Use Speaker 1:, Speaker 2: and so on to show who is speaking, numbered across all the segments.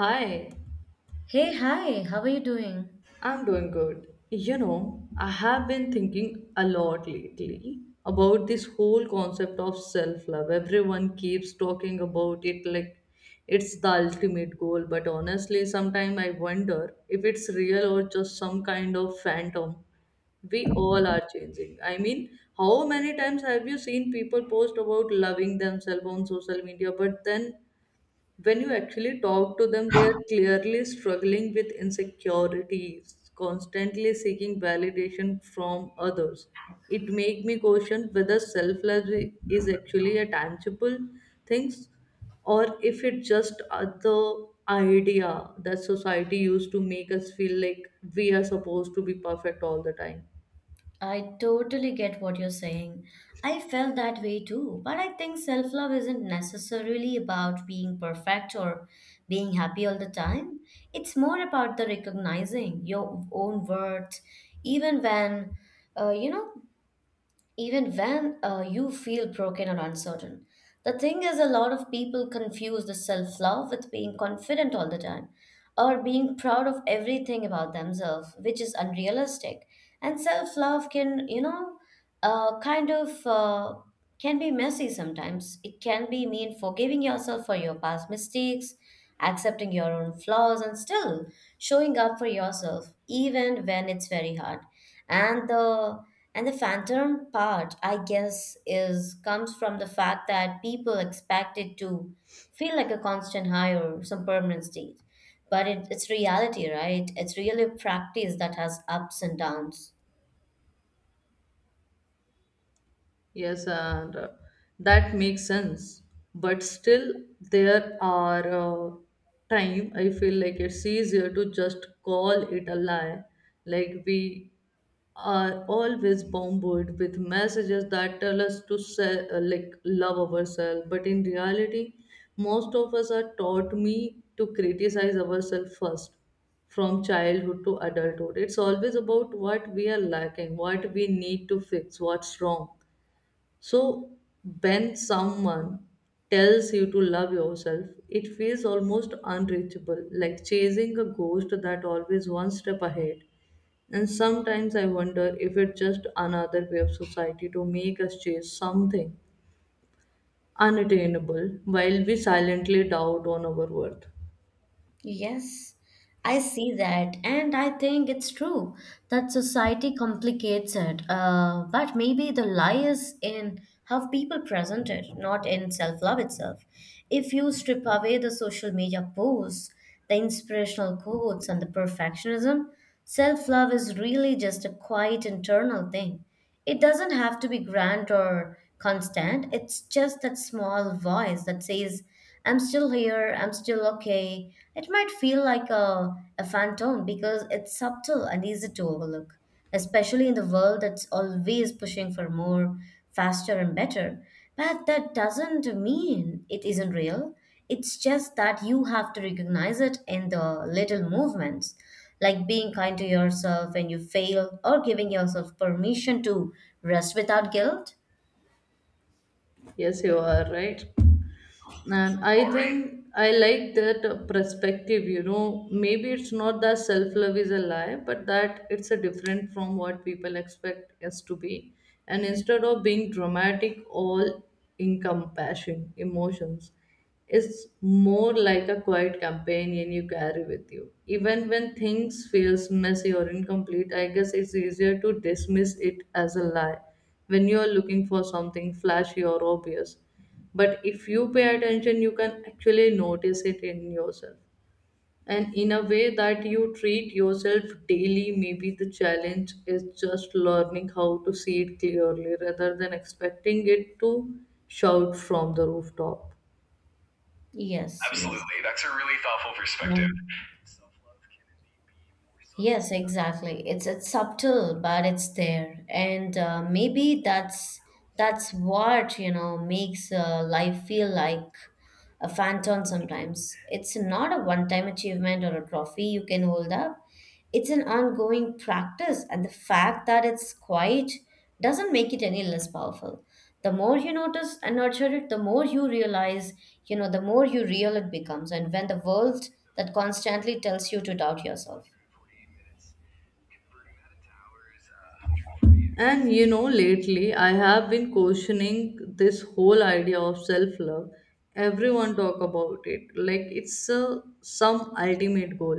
Speaker 1: Hi,
Speaker 2: Hey, hi, how are you doing?
Speaker 1: I'm doing good. You know, I have been thinking a lot lately about this whole concept of self love. Everyone keeps talking about it like it's the ultimate goal, but honestly, sometimes I wonder if it's real or just some kind of phantom. We all are changing. I mean, how many times have you seen people post about loving themselves on social media, but then when you actually talk to them, they are clearly struggling with insecurities, constantly seeking validation from others. It makes me question whether self love is actually a tangible thing or if it's just the idea that society used to make us feel like we are supposed to be perfect all the time.
Speaker 2: I totally get what you're saying. I felt that way too, but I think self love isn't necessarily about being perfect or being happy all the time. It's more about the recognizing your own worth, even uh, you know, when you feel broken or uncertain. The thing is, a lot of people confuse the self love with being confident all the time or being proud of everything about themselves, which is unrealistic. And self love can, kind of can be messy. Sometimes it can be mean forgiving yourself for your past mistakes, accepting your own flaws, and still showing up for yourself even when it's very hard. And the and the phantom part, I guess, is comes from the fact that people expect it to feel like a constant high or some permanent state, but it's reality, right? It's really a practice that has ups and downs.
Speaker 1: Yes, and that makes sense. But still, there are time I feel like it's easier to just call it a lie. Like we are always bombarded with messages that tell us to sell, like love ourselves. But in reality, most of us are taught me to criticize ourselves first from childhood to adulthood. It's always about what we are lacking, what we need to fix, what's wrong so, when someone tells you to love yourself, it feels almost unreachable, like chasing a ghost that always one step ahead. And sometimes I wonder if it's just another way of society to make us chase something unattainable while we silently doubt on our worth.
Speaker 2: Yes, I see that, and I think it's true that society complicates it. But maybe the lie is in how people present it, not in self-love itself. If you strip away the social media posts, the inspirational quotes, and the perfectionism, self-love is really just a quiet internal thing. It doesn't have to be grand or constant. It's just that small voice that says, I'm still here, I'm still okay. It might feel like a phantom because it's subtle and easy to overlook, especially in the world that's always pushing for more, faster, and better. But that doesn't mean it isn't real. It's just that you have to recognize it in the little movements, like being kind to yourself when you fail or giving yourself permission to rest without guilt.
Speaker 1: Yes, you are right. And I think I like that perspective, you know. Maybe it's not that self love is a lie, but that it's a different from what people expect us to be. And instead of being dramatic, all encompassing emotions, it's more like a quiet companion you carry with you. Even when things feels messy or incomplete, I guess it's easier to dismiss it as a lie when you are looking for something flashy or obvious. But if you pay attention, you can actually notice it in yourself. And in a way that you treat yourself daily, maybe the challenge is just learning how to see it clearly rather than expecting it to shout from the rooftop.
Speaker 2: Yes, yes.
Speaker 1: Absolutely. That's a really thoughtful
Speaker 2: Yeah.
Speaker 1: perspective.
Speaker 2: Yes, exactly. It's subtle, but it's there, and maybe that's what, you know, makes life feel like a phantom sometimes. It's not a one-time achievement or a trophy you can hold up. It's an ongoing practice, and the fact that it's quiet doesn't make it any less powerful. The more you notice and nurture it, the more you realize, you know, the more you real it becomes, and when the world that constantly tells you to doubt yourself.
Speaker 1: And you know, lately I have been questioning this whole idea of self-love. Everyone talk about it like it's some ultimate goal.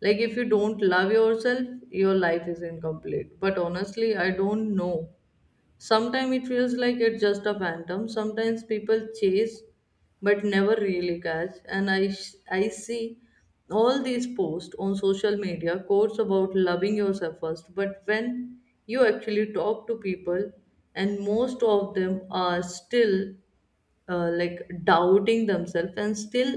Speaker 1: Like if you don't love yourself, your life is incomplete. But honestly, I don't know. Sometimes it feels like it's just a phantom. Sometimes people chase but never really catch. And I see all these posts on social media, quotes about loving yourself first. But when you actually talk to people, and most of them are still like doubting themselves and still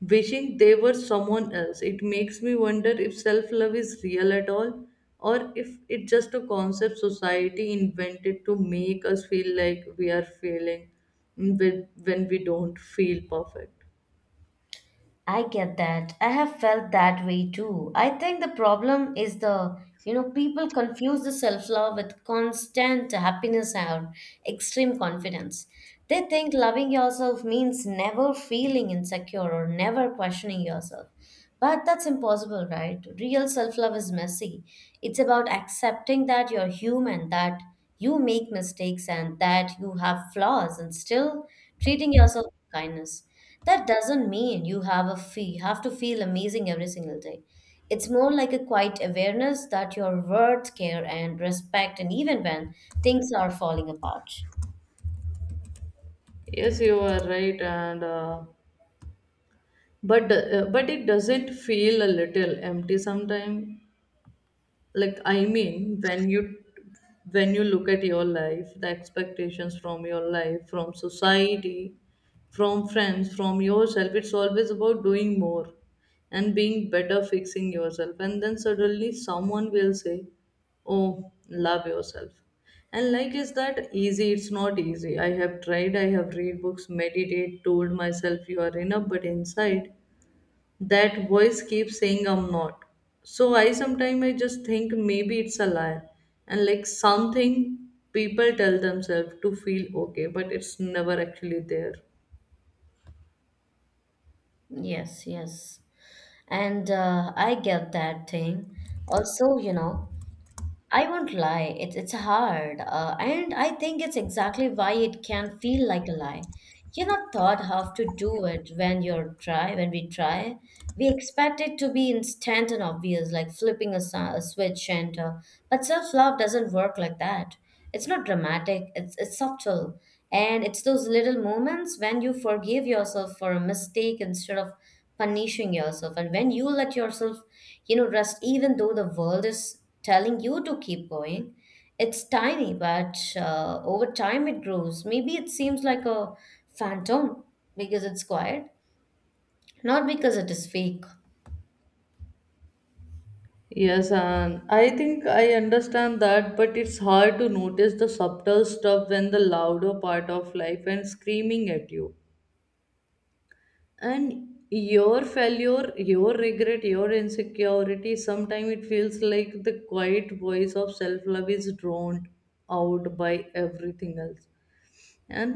Speaker 1: wishing they were someone else. It makes me wonder if self love is real at all or if it's just a concept society invented to make us feel like we are failing when we don't feel perfect.
Speaker 2: I get that. I have felt that way too. I think the problem is you know, people confuse the self-love with constant happiness or extreme confidence. They think loving yourself means never feeling insecure or never questioning yourself. But that's impossible, right? Real self-love is messy. It's about accepting that you're human, that you make mistakes and that you have flaws and still treating yourself with kindness. That doesn't mean you have to feel amazing every single day. It's more like a quiet awareness that you're worth care and respect, and even when things are falling apart.
Speaker 1: Yes, you are right, and but it doesn't feel a little empty sometimes. Like I mean when you look at your life, the expectations from your life, from society, from friends, from yourself, it's always about doing more and being better, fixing yourself, and then suddenly someone will say, oh, love yourself. And like is that easy? It's not easy. I have tried, I have read books, meditate, told myself you are enough, but inside that voice keeps saying I'm not. So I sometimes I just think maybe it's a lie and like something people tell themselves to feel okay, but it's never actually there.
Speaker 2: Yes, yes. And I get that thing. Also, you know, I won't lie, it's hard, and I think it's exactly why it can feel like a lie. You're not taught how to do it when you're try when we try. We expect it to be instant and obvious, like flipping a switch, and but self love doesn't work like that. It's not dramatic, it's subtle. And it's those little moments when you forgive yourself for a mistake instead of punishing yourself, and when you let yourself, you know, rest even though the world is telling you to keep going. It's tiny, but over time it grows. Maybe it seems like a phantom because it's quiet, not because it is fake.
Speaker 1: Yes, and I think I understand that, but it's hard to notice the subtle stuff when the louder part of life and screaming at you and your failure, your regret, your insecurity. Sometimes it feels like the quiet voice of self-love is drowned out by everything else. And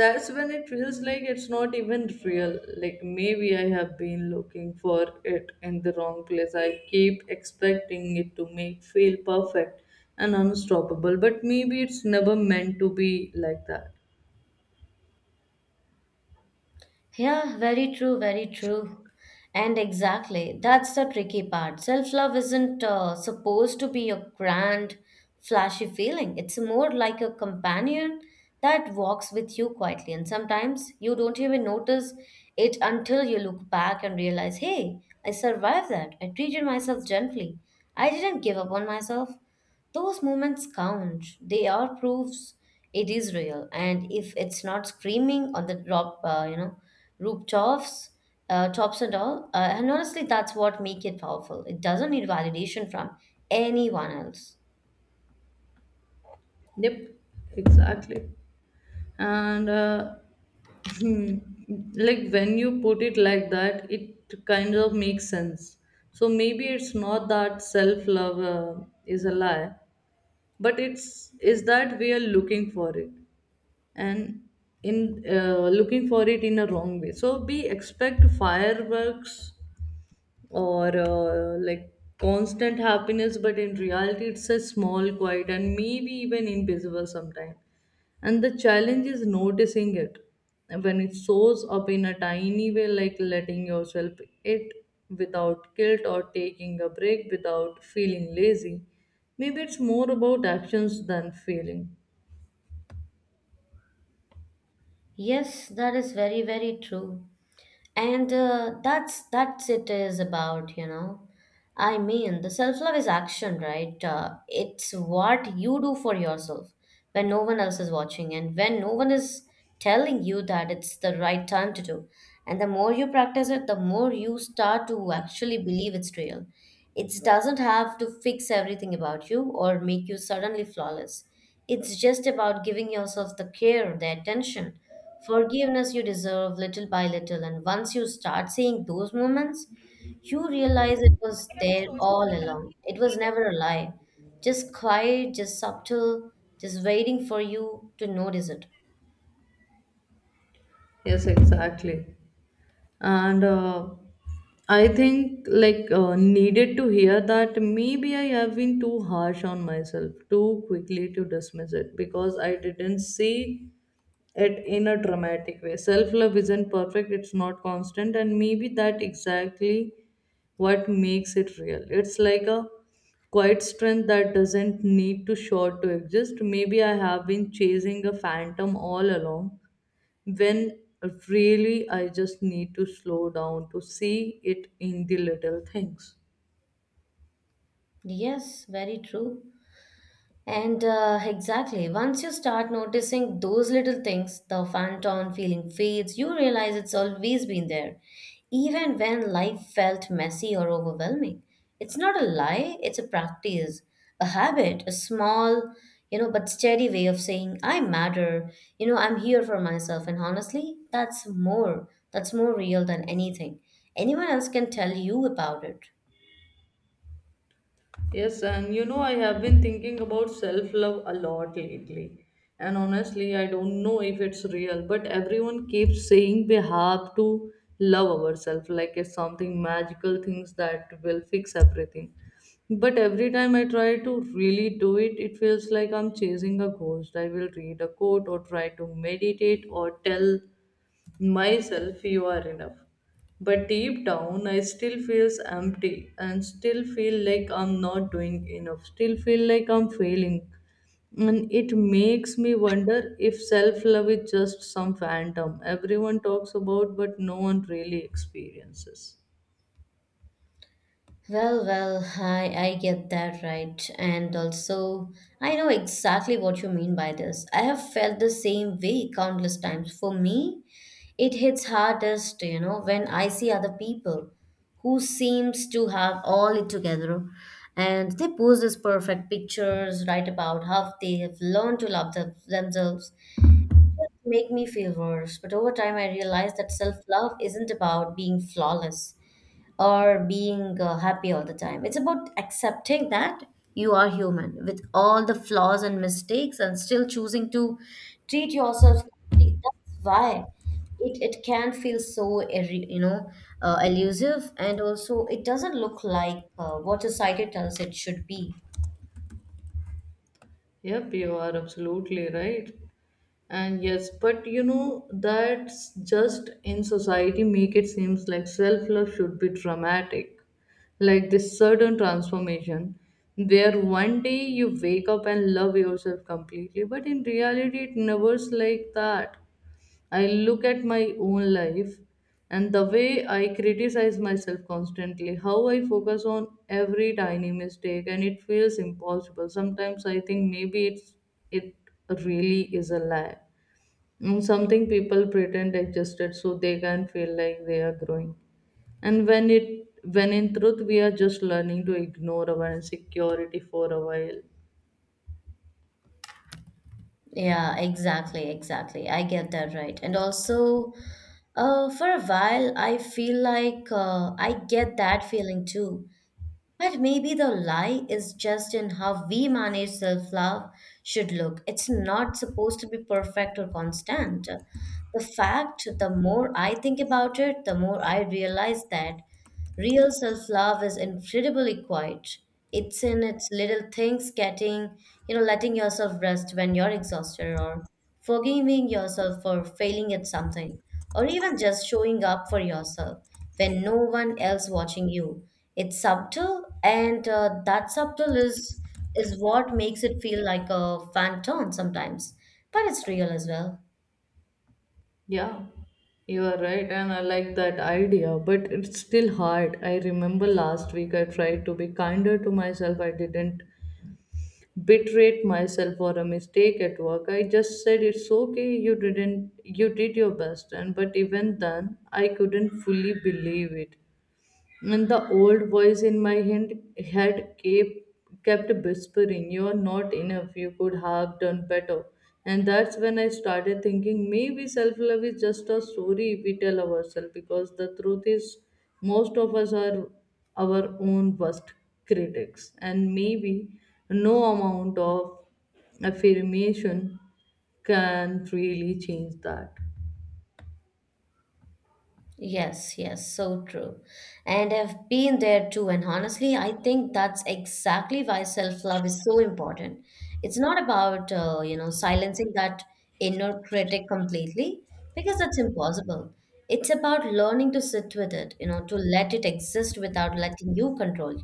Speaker 1: that's when it feels like it's not even real. Like maybe I have been looking for it in the wrong place. I keep expecting it to make feel perfect and unstoppable, but maybe it's never meant to be like that.
Speaker 2: Yeah, very true, very true. And exactly, that's the tricky part. Self love isn't supposed to be a grand, flashy feeling, it's more like a companion that walks with you quietly. And sometimes you don't even notice it until you look back and realize, hey, I survived that. I treated myself gently. I didn't give up on myself. Those moments count. They are proofs it is real. And if it's not screaming on the drop, you know, rooftops, and honestly, that's what make it powerful. It doesn't need validation from anyone else.
Speaker 1: Yep, exactly. And Hmm. Like when you put it like that, it kind of makes sense. So maybe it's not that self love is a lie, but it's is that we are looking for it and in looking for it in a wrong way. So we expect fireworks or like constant happiness, but in reality it's a small quiet and maybe even invisible sometimes. And the challenge is noticing it when it shows up in a tiny way, like letting yourself it without guilt or taking a break without feeling lazy. Maybe it's more about actions than feeling.
Speaker 2: Yes, that is very, very true. And that's it is about, you know, I mean the self love is action, right? It's what you do for yourself when no one else is watching and when no one is telling you that it's the right time to do. And the more you practice it, the more you start to actually believe it's real. It doesn't have to fix everything about you or make you suddenly flawless. It's just about giving yourself the care, the attention, forgiveness you deserve, little by little. And once you start seeing those moments, you realize it was there all along. It was never a lie, just quiet, just subtle, just waiting for you to notice it.
Speaker 1: Yes, exactly. And I think like needed to hear that. Maybe I have been too harsh on myself, too quickly to dismiss it because I didn't see it in a dramatic way. Self love isn't perfect, it's not constant, and maybe that exactly what makes it real. It's like a quiet strength that doesn't need to short to exist. Maybe I have been chasing a phantom all along when really I just need to slow down to see it in the little things.
Speaker 2: Yes, very true. And exactly, once you start noticing those little things, the phantom feeling fades, you realize it's always been there, even when life felt messy or overwhelming. It's not a lie, it's a practice, a habit, a small, you know, but steady way of saying, I matter, you know, I'm here for myself. And honestly, that's more real than anything anyone else can tell you about it.
Speaker 1: Yes, and you know, I have been thinking about self love a lot lately. And honestly, I don't know if it's real, but everyone keeps saying we have to love ourselves like it's something magical, things that will fix everything. But every time I try to really do it, it feels like I'm chasing a ghost. I will read a quote or try to meditate or tell myself you are enough, but deep down I still feels empty and still feel like I'm not doing enough, still feel like I'm failing. And it makes me wonder if self love is just some phantom everyone talks about but no one really experiences.
Speaker 2: Well, well, I get that, right. And also, I know exactly what you mean by this. I have felt the same way countless times. For me, it hits hardest, you know, when I see other people who seems to have all it together and they post these perfect pictures, write about how they have learned to love themselves. Just make me feel worse. But over time, I realized that self-love isn't about being flawless or being happy all the time. It's about accepting that you are human with all the flaws and mistakes, and still choosing to treat yourself kindly. That's why it can feel so, you know, elusive, and also it doesn't look like what society tells it should be.
Speaker 1: Yep, you are absolutely right. And yes, but you know, that's just in society make it seems like self-love should be dramatic. Like this sudden transformation where one day you wake up and love yourself completely, but in reality it never's like that. I look at my own life and the way I criticize myself constantly, how I focus on every tiny mistake, and it feels impossible. Sometimes I think maybe it really is a lie. Mm, something people pretend existed so they can feel like they are growing. And when it when in truth we are just learning to ignore our insecurity for a while.
Speaker 2: Yeah, exactly, exactly. I get that, right. And also, for a while, I feel like I get that feeling too. But maybe the lie is just in how we manage self love should look. It's not supposed to be perfect or constant. The more I think about it, the more I realize that real self love is incredibly quiet. It's in its little things getting, you know, letting yourself rest when you're exhausted, or forgiving yourself for failing at something, or even just showing up for yourself when no one else watching you. It's subtle, and that subtle is what makes it feel like a phantom sometimes, but it's real as well.
Speaker 1: Yeah, you are right, and I like that idea, but it's still hard. I remember last week I tried to be kinder to myself. I didn't berate myself for a mistake at work. I just said it's okay, you didn't you did your best, and but even then I couldn't fully believe it. And the old voice in my head, kept whispering, you're not enough, you could have done better. And that's when I started thinking maybe self love is just a story we tell ourselves, because the truth is, most of us are our own worst critics. And maybe no amount of affirmation can really change that.
Speaker 2: Yes, yes, so true. And I've been there too. And honestly, I think that's exactly why self-love is so important. It's not about, you know, silencing that inner critic completely, because that's impossible. It's about learning to sit with it, you know, to let it exist without letting you control.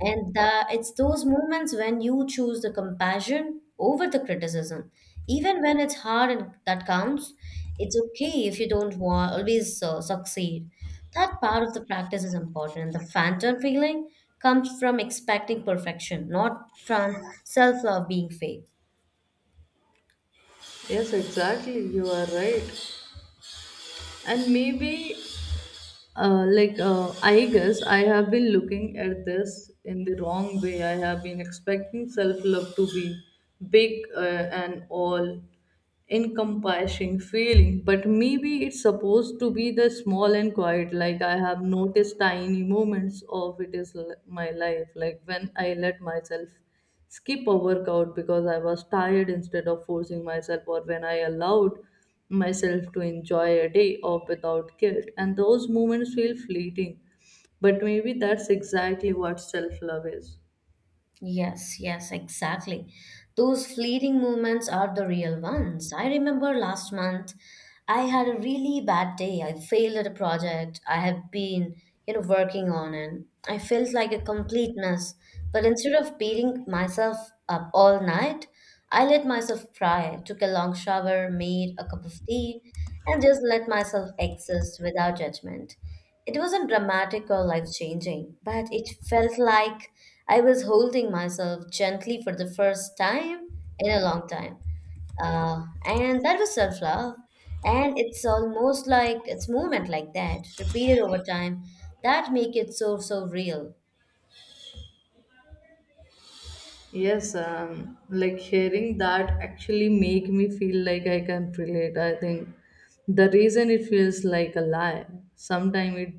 Speaker 2: And the, it's those moments when you choose the compassion over the criticism, even when it's hard, and that counts. It's okay if you don't want, always succeed. That part of the practice is important. And the phantom feeling comes from expecting perfection, not from self love being fake.
Speaker 1: Yes, exactly. You are right. And maybe like I guess I have been looking at this in the wrong way. I have been expecting self love to be big and all encompassing feeling, but maybe it's supposed to be the small and quiet. Like I have noticed tiny moments of it is my life, like when I let myself skip a workout because I was tired instead of forcing myself, or when I allowed myself to enjoy a day off without guilt. And those moments feel fleeting, but maybe that's exactly what self love is.
Speaker 2: Yes, yes, exactly. Those fleeting moments are the real ones. I remember last month I had a really bad day. I failed at a project I had been, you know, working on, and I felt like a complete mess. But instead of beating myself up all night, I let myself cry, took a long shower, made a cup of tea, and just let myself exist without judgment. It wasn't dramatic or life changing, but it felt like I was holding myself gently for the first time in a long time. And that was self love. And it's almost like it's movement like that, repeated over time, that make it so, so real.
Speaker 1: Yes, like hearing that actually make me feel like I can relate. I think the reason it feels like a lie, sometimes it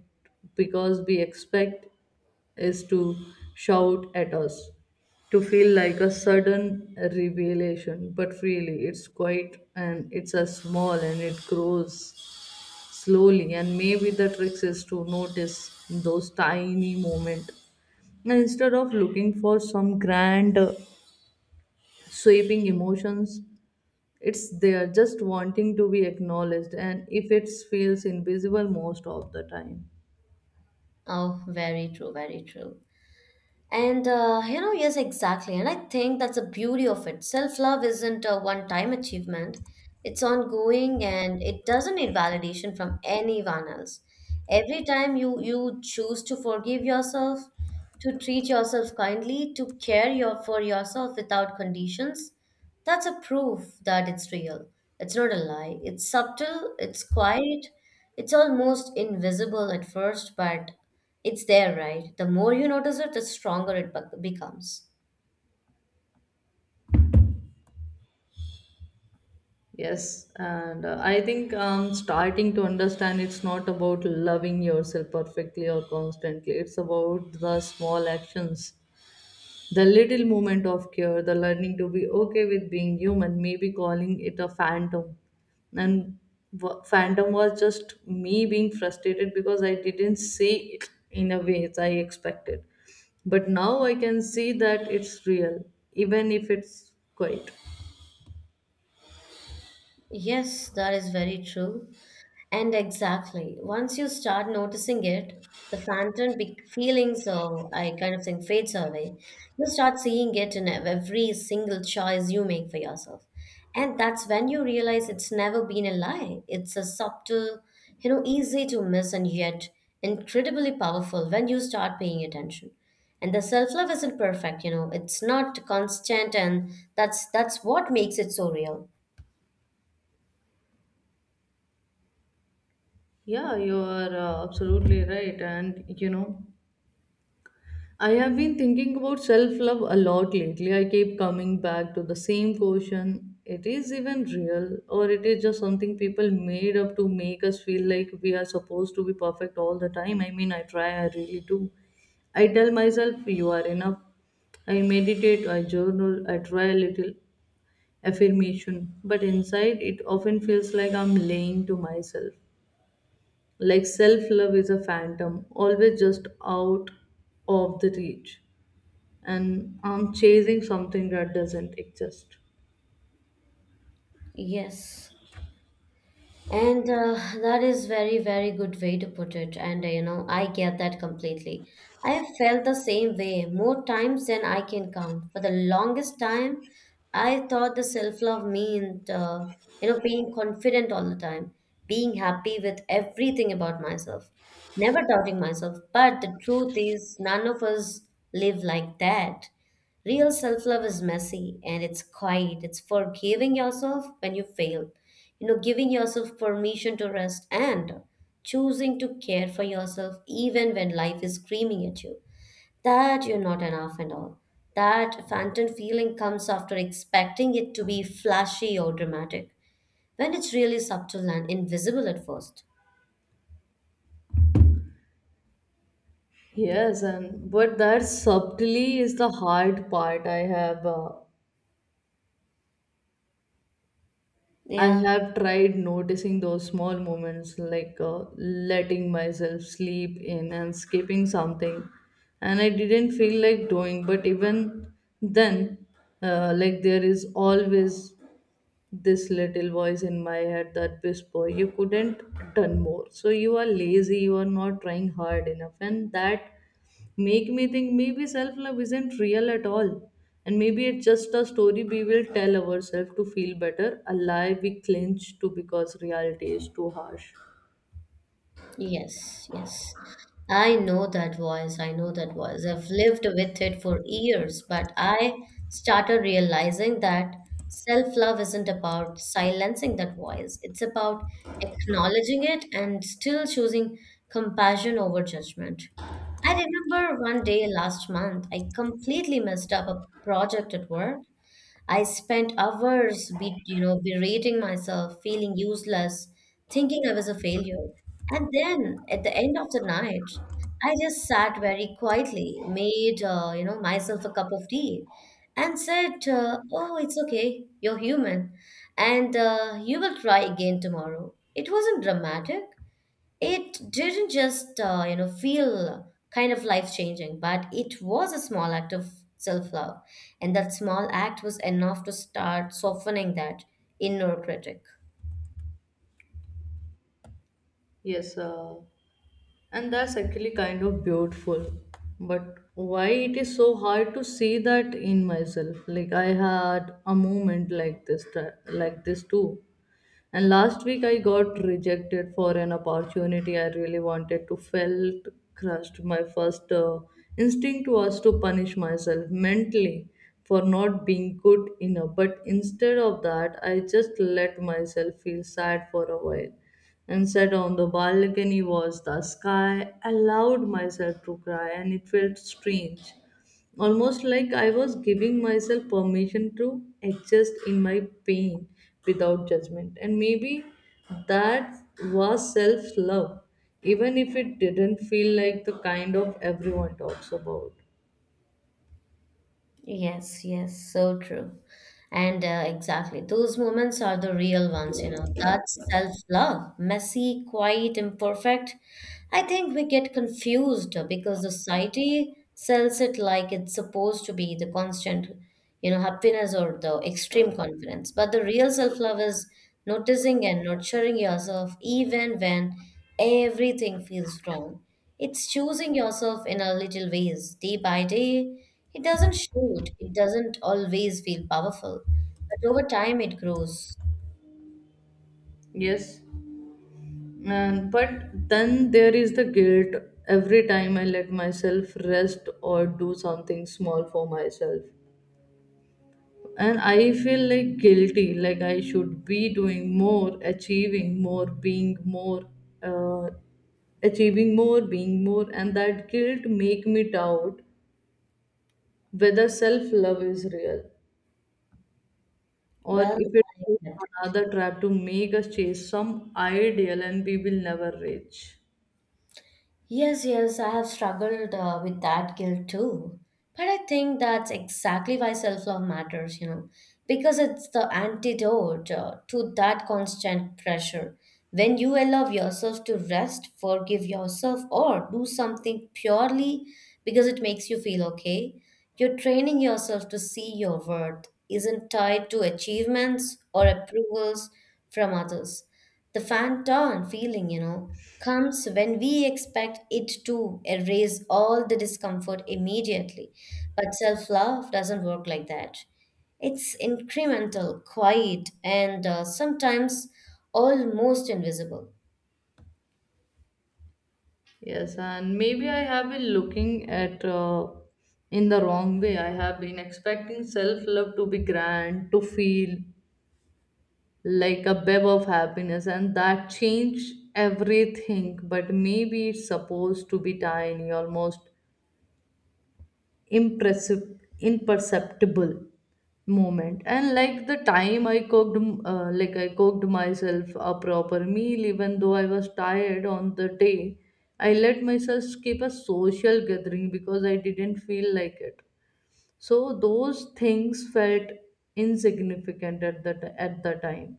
Speaker 1: because we expect is to shout at us, to feel like a sudden revelation, but really it's quite and it's a small and it grows slowly. And maybe the trick is to notice those tiny moments instead of looking for some grand sweeping emotions. It's there just wanting to be acknowledged, and if it feels invisible most of the time.
Speaker 2: Oh, very true, very true. And you know, yes, exactly. And I think that's the beauty of it. Self love isn't a one time achievement, it's ongoing, and it doesn't need validation from anyone else. Every time you choose to forgive yourself, to treat yourself kindly, to for yourself without conditions, that's a proof that it's real. It's not a lie. It's subtle, it's quiet, it's almost invisible at first, but it's there, right? The more you notice it, the stronger it becomes.
Speaker 1: Yes, and I think starting to understand it's not about loving yourself perfectly or constantly, it's about the small actions. The little moment of care, the learning to be okay with being human, maybe calling it a phantom. And phantom was just me being frustrated because I didn't see it in a way as I expected. But now I can see that it's real, even if it's quiet.
Speaker 2: Yes, that is very true. And exactly, once you start noticing it, the phantom feeling, so I kind of think fades away. You start seeing it in every single choice you make for yourself. And that's when you realize it's never been a lie. It's a subtle, easy to miss and yet incredibly powerful when you start paying attention. And the self-love isn't perfect, it's not constant, and that's what makes it so real.
Speaker 1: Yeah, you are absolutely right. And you know, I have been thinking about self love a lot lately. I keep coming back to the same question. It is even real, or it is just something people made up to make us feel like we are supposed to be perfect all the time. I mean, I try, I really do. I tell myself, you are enough. I meditate, I journal, I try a little affirmation. But inside, it often feels like I'm lying to myself. Like self love is a phantom, always just out of the reach, and I'm chasing something that doesn't exist.
Speaker 2: Yes. And That is very, very good way to put it. And I get that completely. I have felt the same way more times than I can count. For the longest time, I thought the self-love meant, being confident all the time, being happy with everything about myself, never doubting myself. But the truth is, none of us live like that. Real self love is messy, and it's quiet. It's forgiving yourself when you fail, giving yourself permission to rest, and choosing to care for yourself even when life is screaming at you that you're not enough and all. That phantom feeling comes after expecting it to be flashy or dramatic when it's really subtle and invisible at first.
Speaker 1: Yes, and but that subtly is the hard part. I
Speaker 2: Yeah.
Speaker 1: have tried noticing those small moments, like letting myself sleep in and skipping something, and I didn't feel like doing. But even then, like there is always this little voice in my head that whisper you couldn't done more, so you are lazy, you are not trying hard enough, and that make me think maybe self love isn't real at all, and maybe it's just a story we will tell ourselves to feel better, a lie we clinch to because reality is too harsh.
Speaker 2: Yes, yes. I know that voice. I know that voice. I've lived with it for years, but I started realizing that self-love isn't about silencing that voice. It's about acknowledging it and still choosing compassion over judgment. I remember one day last month, I completely messed up a project at work. I spent hours berating myself, feeling useless, thinking I was a failure. And then at the end of the night, I just sat very quietly, made myself a cup of tea, and said, "Oh, it's okay. You're human, and you will try again tomorrow." It wasn't dramatic, it didn't just, feel kind of life changing, but it was a small act of self love. And that small act was enough to start softening that inner critic.
Speaker 1: Yes, and that's actually kind of beautiful. But why it is so hard to see that in myself? Like I had a moment like this, like this too. And last week I got rejected for an opportunity I really wanted to. Felt crushed. My first instinct was to punish myself mentally for not being good enough. But instead of that, I just let myself feel sad for a while and sat on the balcony was the sky. I allowed myself to cry, and it felt strange. Almost like I was giving myself permission to exist in my pain without judgment. And maybe that was self love, even if it didn't feel like the kind of everyone talks about.
Speaker 2: Yes, yes, so true. And Exactly, those moments are the real ones, you know. That's self-love: messy, quiet, imperfect. I think we get confused because society sells it like it's supposed to be the constant, happiness or the extreme confidence. But the real self-love is noticing and nurturing yourself even when everything feels wrong. It's choosing yourself in a little ways, day by day. It doesn't shoot, it doesn't always feel powerful, but over time it grows.
Speaker 1: Yes, and but then there is the guilt every time I let myself rest or do something small for myself. And I feel like guilty, like I should be doing more, achieving more, being more, uh, achieving more, being more, and that guilt make me doubt whether self love is real, or
Speaker 2: Well,
Speaker 1: if it's
Speaker 2: I get
Speaker 1: just
Speaker 2: that.
Speaker 1: another trap to make us chase some ideal and we will never reach.
Speaker 2: Yes, yes, I have struggled with that guilt too. But I think that's exactly why self love matters, you know, because it's the antidote to that constant pressure. When you allow yourself to rest, forgive yourself, or do something purely because it makes you feel okay, you're training yourself to see your worth isn't tied to achievements or approvals from others. The phantom feeling, you know, comes when we expect it to erase all the discomfort immediately. But self love doesn't work like that. It's incremental, quiet, and sometimes almost invisible.
Speaker 1: Yes, and maybe i have been looking at in the wrong way. I have been expecting self love to be grand, to feel like a web of happiness and that changed everything. But maybe it's supposed to be tiny, almost impressive, imperceptible moment. And like the time i cooked myself a proper meal even though I was tired. On the day I let myself skip a social gathering because I didn't feel like it, so those things felt insignificant at at the time.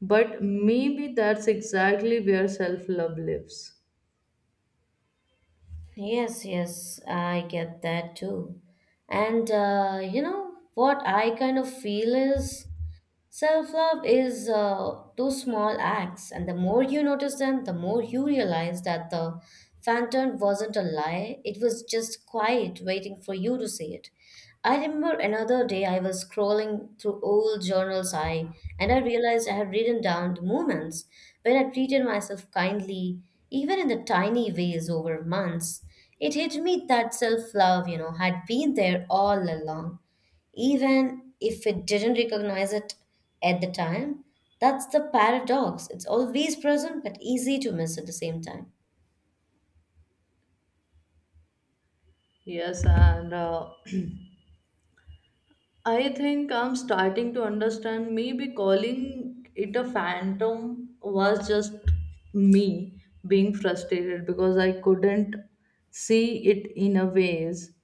Speaker 1: But maybe that's exactly where self love lives.
Speaker 2: Yes, yes, I get that too. And You know what I kind of feel is self love is those small acts, and the more you notice them, the more you realize that the phantom wasn't a lie, it was just quiet, waiting for you to see it. I remember another day I was scrolling through old journals I and I realized I had written down the moments when I treated myself kindly, even in the tiny ways, over months. It hit me that self love, you know, had been there all along, even if it didn't recognize it at the time. That's the paradox. It's always present, but easy to miss at the same time.
Speaker 1: Yes, and I think I'm starting to understand. Maybe calling it a phantom was just me being frustrated because I couldn't see it in a ways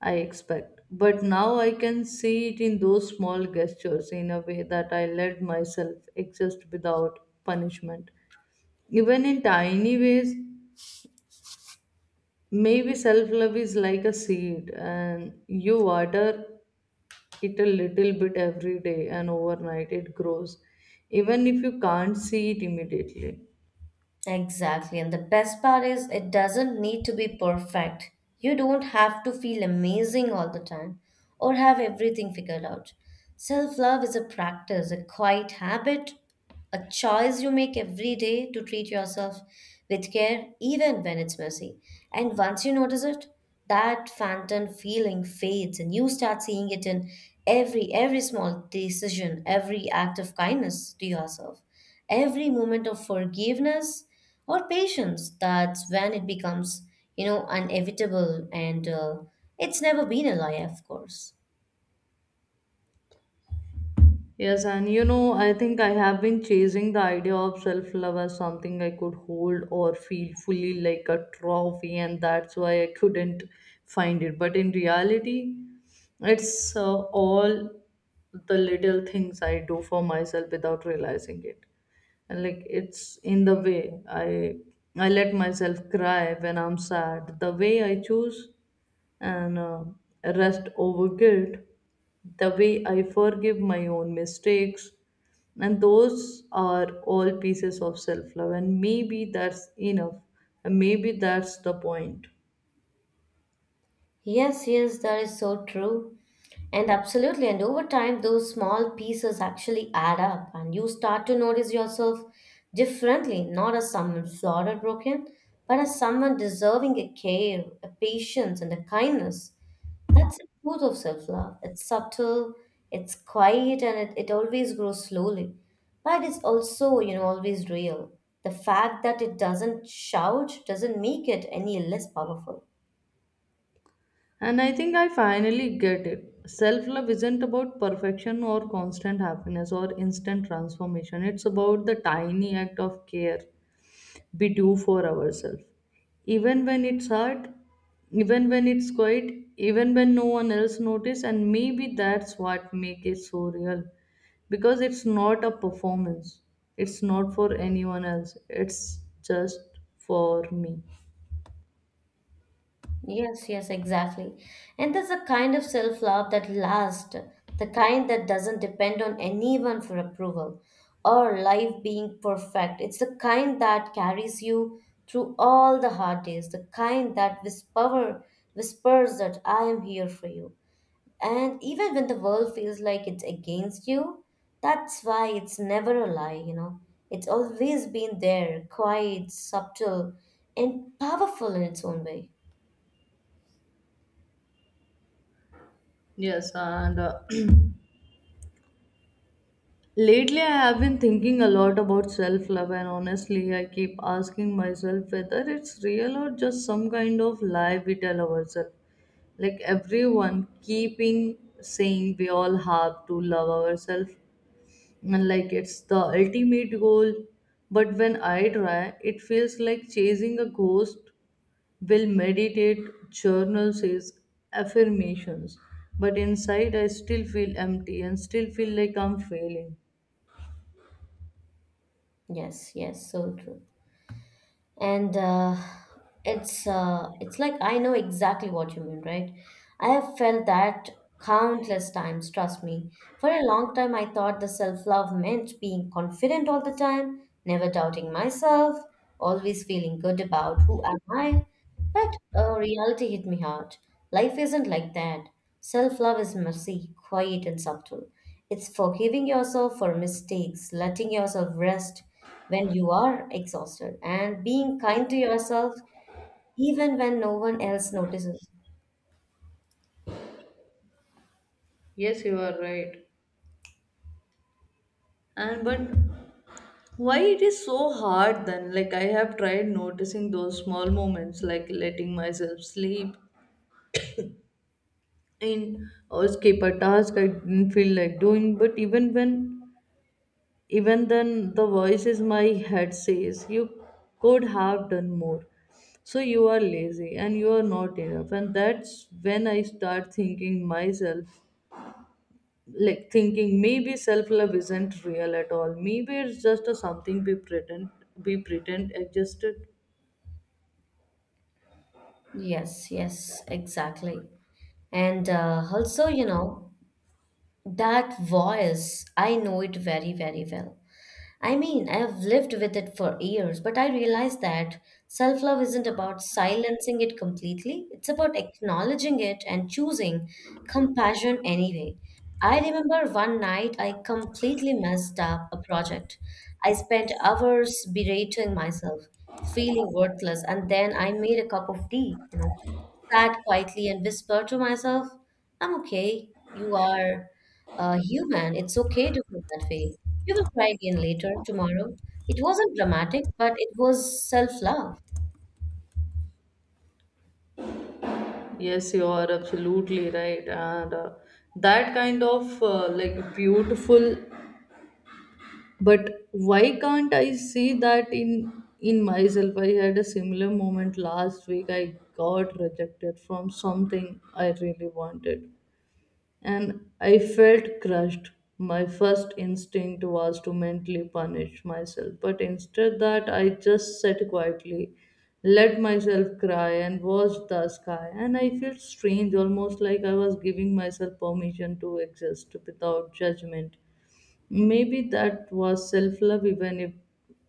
Speaker 1: I expect. But now I can see it in those small gestures, in a way that I let myself exist without punishment. Even in tiny ways, maybe self love is like a seed, and you water it a little bit every day, and overnight it grows, even if you can't see it immediately.
Speaker 2: Exactly. And the best part is, it doesn't need to be perfect. You don't have to feel amazing all the time or have everything figured out. Self love is a practice, a quiet habit, a choice you make every day to treat yourself with care, even when it's messy. And once you notice it, that phantom feeling fades and you start seeing it in every small decision, every act of kindness to yourself, every moment of forgiveness or patience. That's when it becomes, you know, inevitable, and it's never been a lie, of course.
Speaker 1: Yes, and you know, I think I have been chasing the idea of self love as something I could hold or feel fully like a trophy, and that's why I couldn't find it. But in reality, it's all the little things I do for myself without realizing it. And like it's in the way I let myself cry when I'm sad, the way I choose and rest over guilt, the way I forgive my own mistakes. And those are all pieces of self love, and maybe that's enough, and maybe that's the point.
Speaker 2: Yes, yes, that is so true. And absolutely, and over time those small pieces actually add up and you start to notice yourself differently, not as someone flawed or broken, but as someone deserving a care, a patience, and a kindness. That's the truth of self love. It's subtle, it's quiet, and it always grows slowly. But it's also, you know, always real. The fact that it doesn't shout doesn't make it any less powerful.
Speaker 1: And I think I finally get it. Self love isn't about perfection or constant happiness or instant transformation. It's about the tiny act of care we do for ourselves, even when it's hard, even when it's quiet, even when no one else notice. And maybe that's what make it so real, because it's not a performance, it's not for anyone else, it's just for me.
Speaker 2: Yes, yes, exactly. And there's a kind of self-love that lasts, the kind that doesn't depend on anyone for approval or life being perfect. It's the kind that carries you through all the hard days, the kind that whispers that I am here for you. And even when the world feels like it's against you, that's why it's never a lie, you know. It's always been there, quiet, subtle, and powerful in its own way.
Speaker 1: Yes, and lately I have been thinking a lot about self love, and honestly I keep asking myself whether it's real or just some kind of lie we tell ourselves. Like everyone keeping saying we all have to love ourselves, and like it's the ultimate goal. But when I try, it feels like chasing a ghost. Will meditate, journal says, affirmations, but inside I still feel empty and still feel like I'm failing.
Speaker 2: Yes, yes, so true. And it's It's like I know exactly what you mean, right? I have felt that countless times, trust me. For a long time, I thought the self-love meant being confident all the time, never doubting myself, always feeling good about who am I. But reality hit me hard. Life isn't like that. Self love is messy, quiet, and subtle. It's forgiving yourself for mistakes, letting yourself rest when you are exhausted, and being kind to yourself even when no one else notices.
Speaker 1: Yes, you are right. And but why it is so hard then? Like I have tried noticing those small moments, like letting myself sleep in or skip a task I didn't feel like doing. But even then, the voices my head says you could have done more. So you are lazy and you are not enough, and that's when I start thinking myself, like thinking maybe self love isn't real at all. Maybe it's just a something we pretend existed.
Speaker 2: Yes, yes, exactly. And also, you know, That voice, I know it very, very well. I mean, I've lived with it for years, but I realized that self love isn't about silencing it completely. It's about acknowledging it and choosing compassion anyway. I remember one night I completely messed up a project. I spent hours berating myself, feeling worthless, and then I made a cup of tea, you know, sat quietly and whispered to myself, I'm okay, you are. Human, it's okay to feel that way. You will try again later, tomorrow. It wasn't dramatic, but it was self-love.
Speaker 1: Yes, you are absolutely right, and that kind of like beautiful. But why can't I see that in myself? I had a similar moment last week. I got rejected from something I really wanted, and I felt crushed. My first instinct was to mentally punish myself, but instead that I just sat quietly, let myself cry and watched the sky, and I felt strange, almost like I was giving myself permission to exist without judgment. Maybe that was self love, even if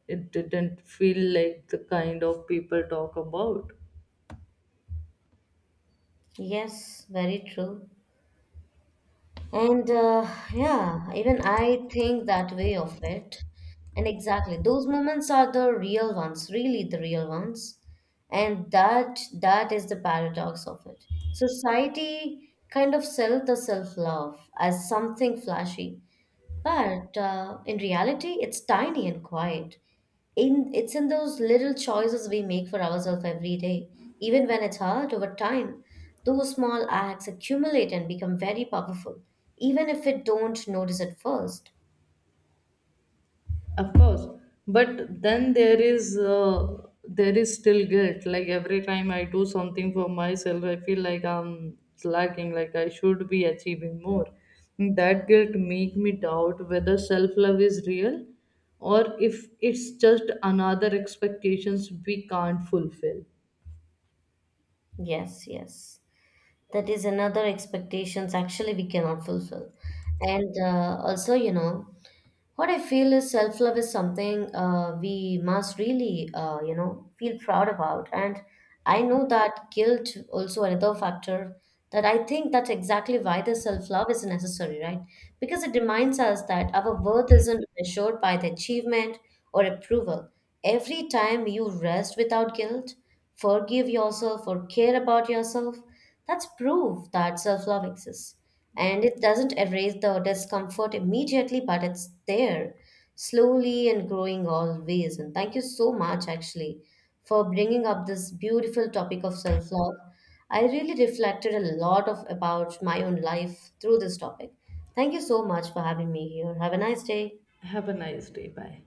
Speaker 1: it didn't feel like the kind of people talk about.
Speaker 2: Yes, very true. And Yeah, even I think that way of it. And exactly, those moments are the real ones, really the real ones. And that is the paradox of it. Society kind of sells the self-love as something flashy, but in reality, it's tiny and quiet. In it's in those little choices we make for ourselves every day. Even when it's hard, over time those small acts accumulate and become very powerful, even if we don't notice at first.
Speaker 1: Of course, but then there is still guilt. Like every time I do something for myself, I feel like I'm slacking. Like I should be achieving more. That guilt make me doubt whether self love is real, or if it's just another expectations we can't fulfill.
Speaker 2: Yes, yes. That is another expectations actually we cannot fulfill. And also, you know, What I feel is self love is something we must really, feel proud about. And I know that guilt also another factor, that I think that's exactly why the self love is necessary, right? Because it reminds us that our worth isn't measured by the achievement or approval. Every time you rest without guilt, forgive yourself, or care about yourself, that's proof that self love exists. And it doesn't erase the discomfort immediately, but it's there, slowly and growing always. And thank you so much, actually, for bringing up this beautiful topic of self love. I really reflected a lot of about my own life through this topic. Thank you so much for having me here. Have a nice day.
Speaker 1: Have a nice day. Bye.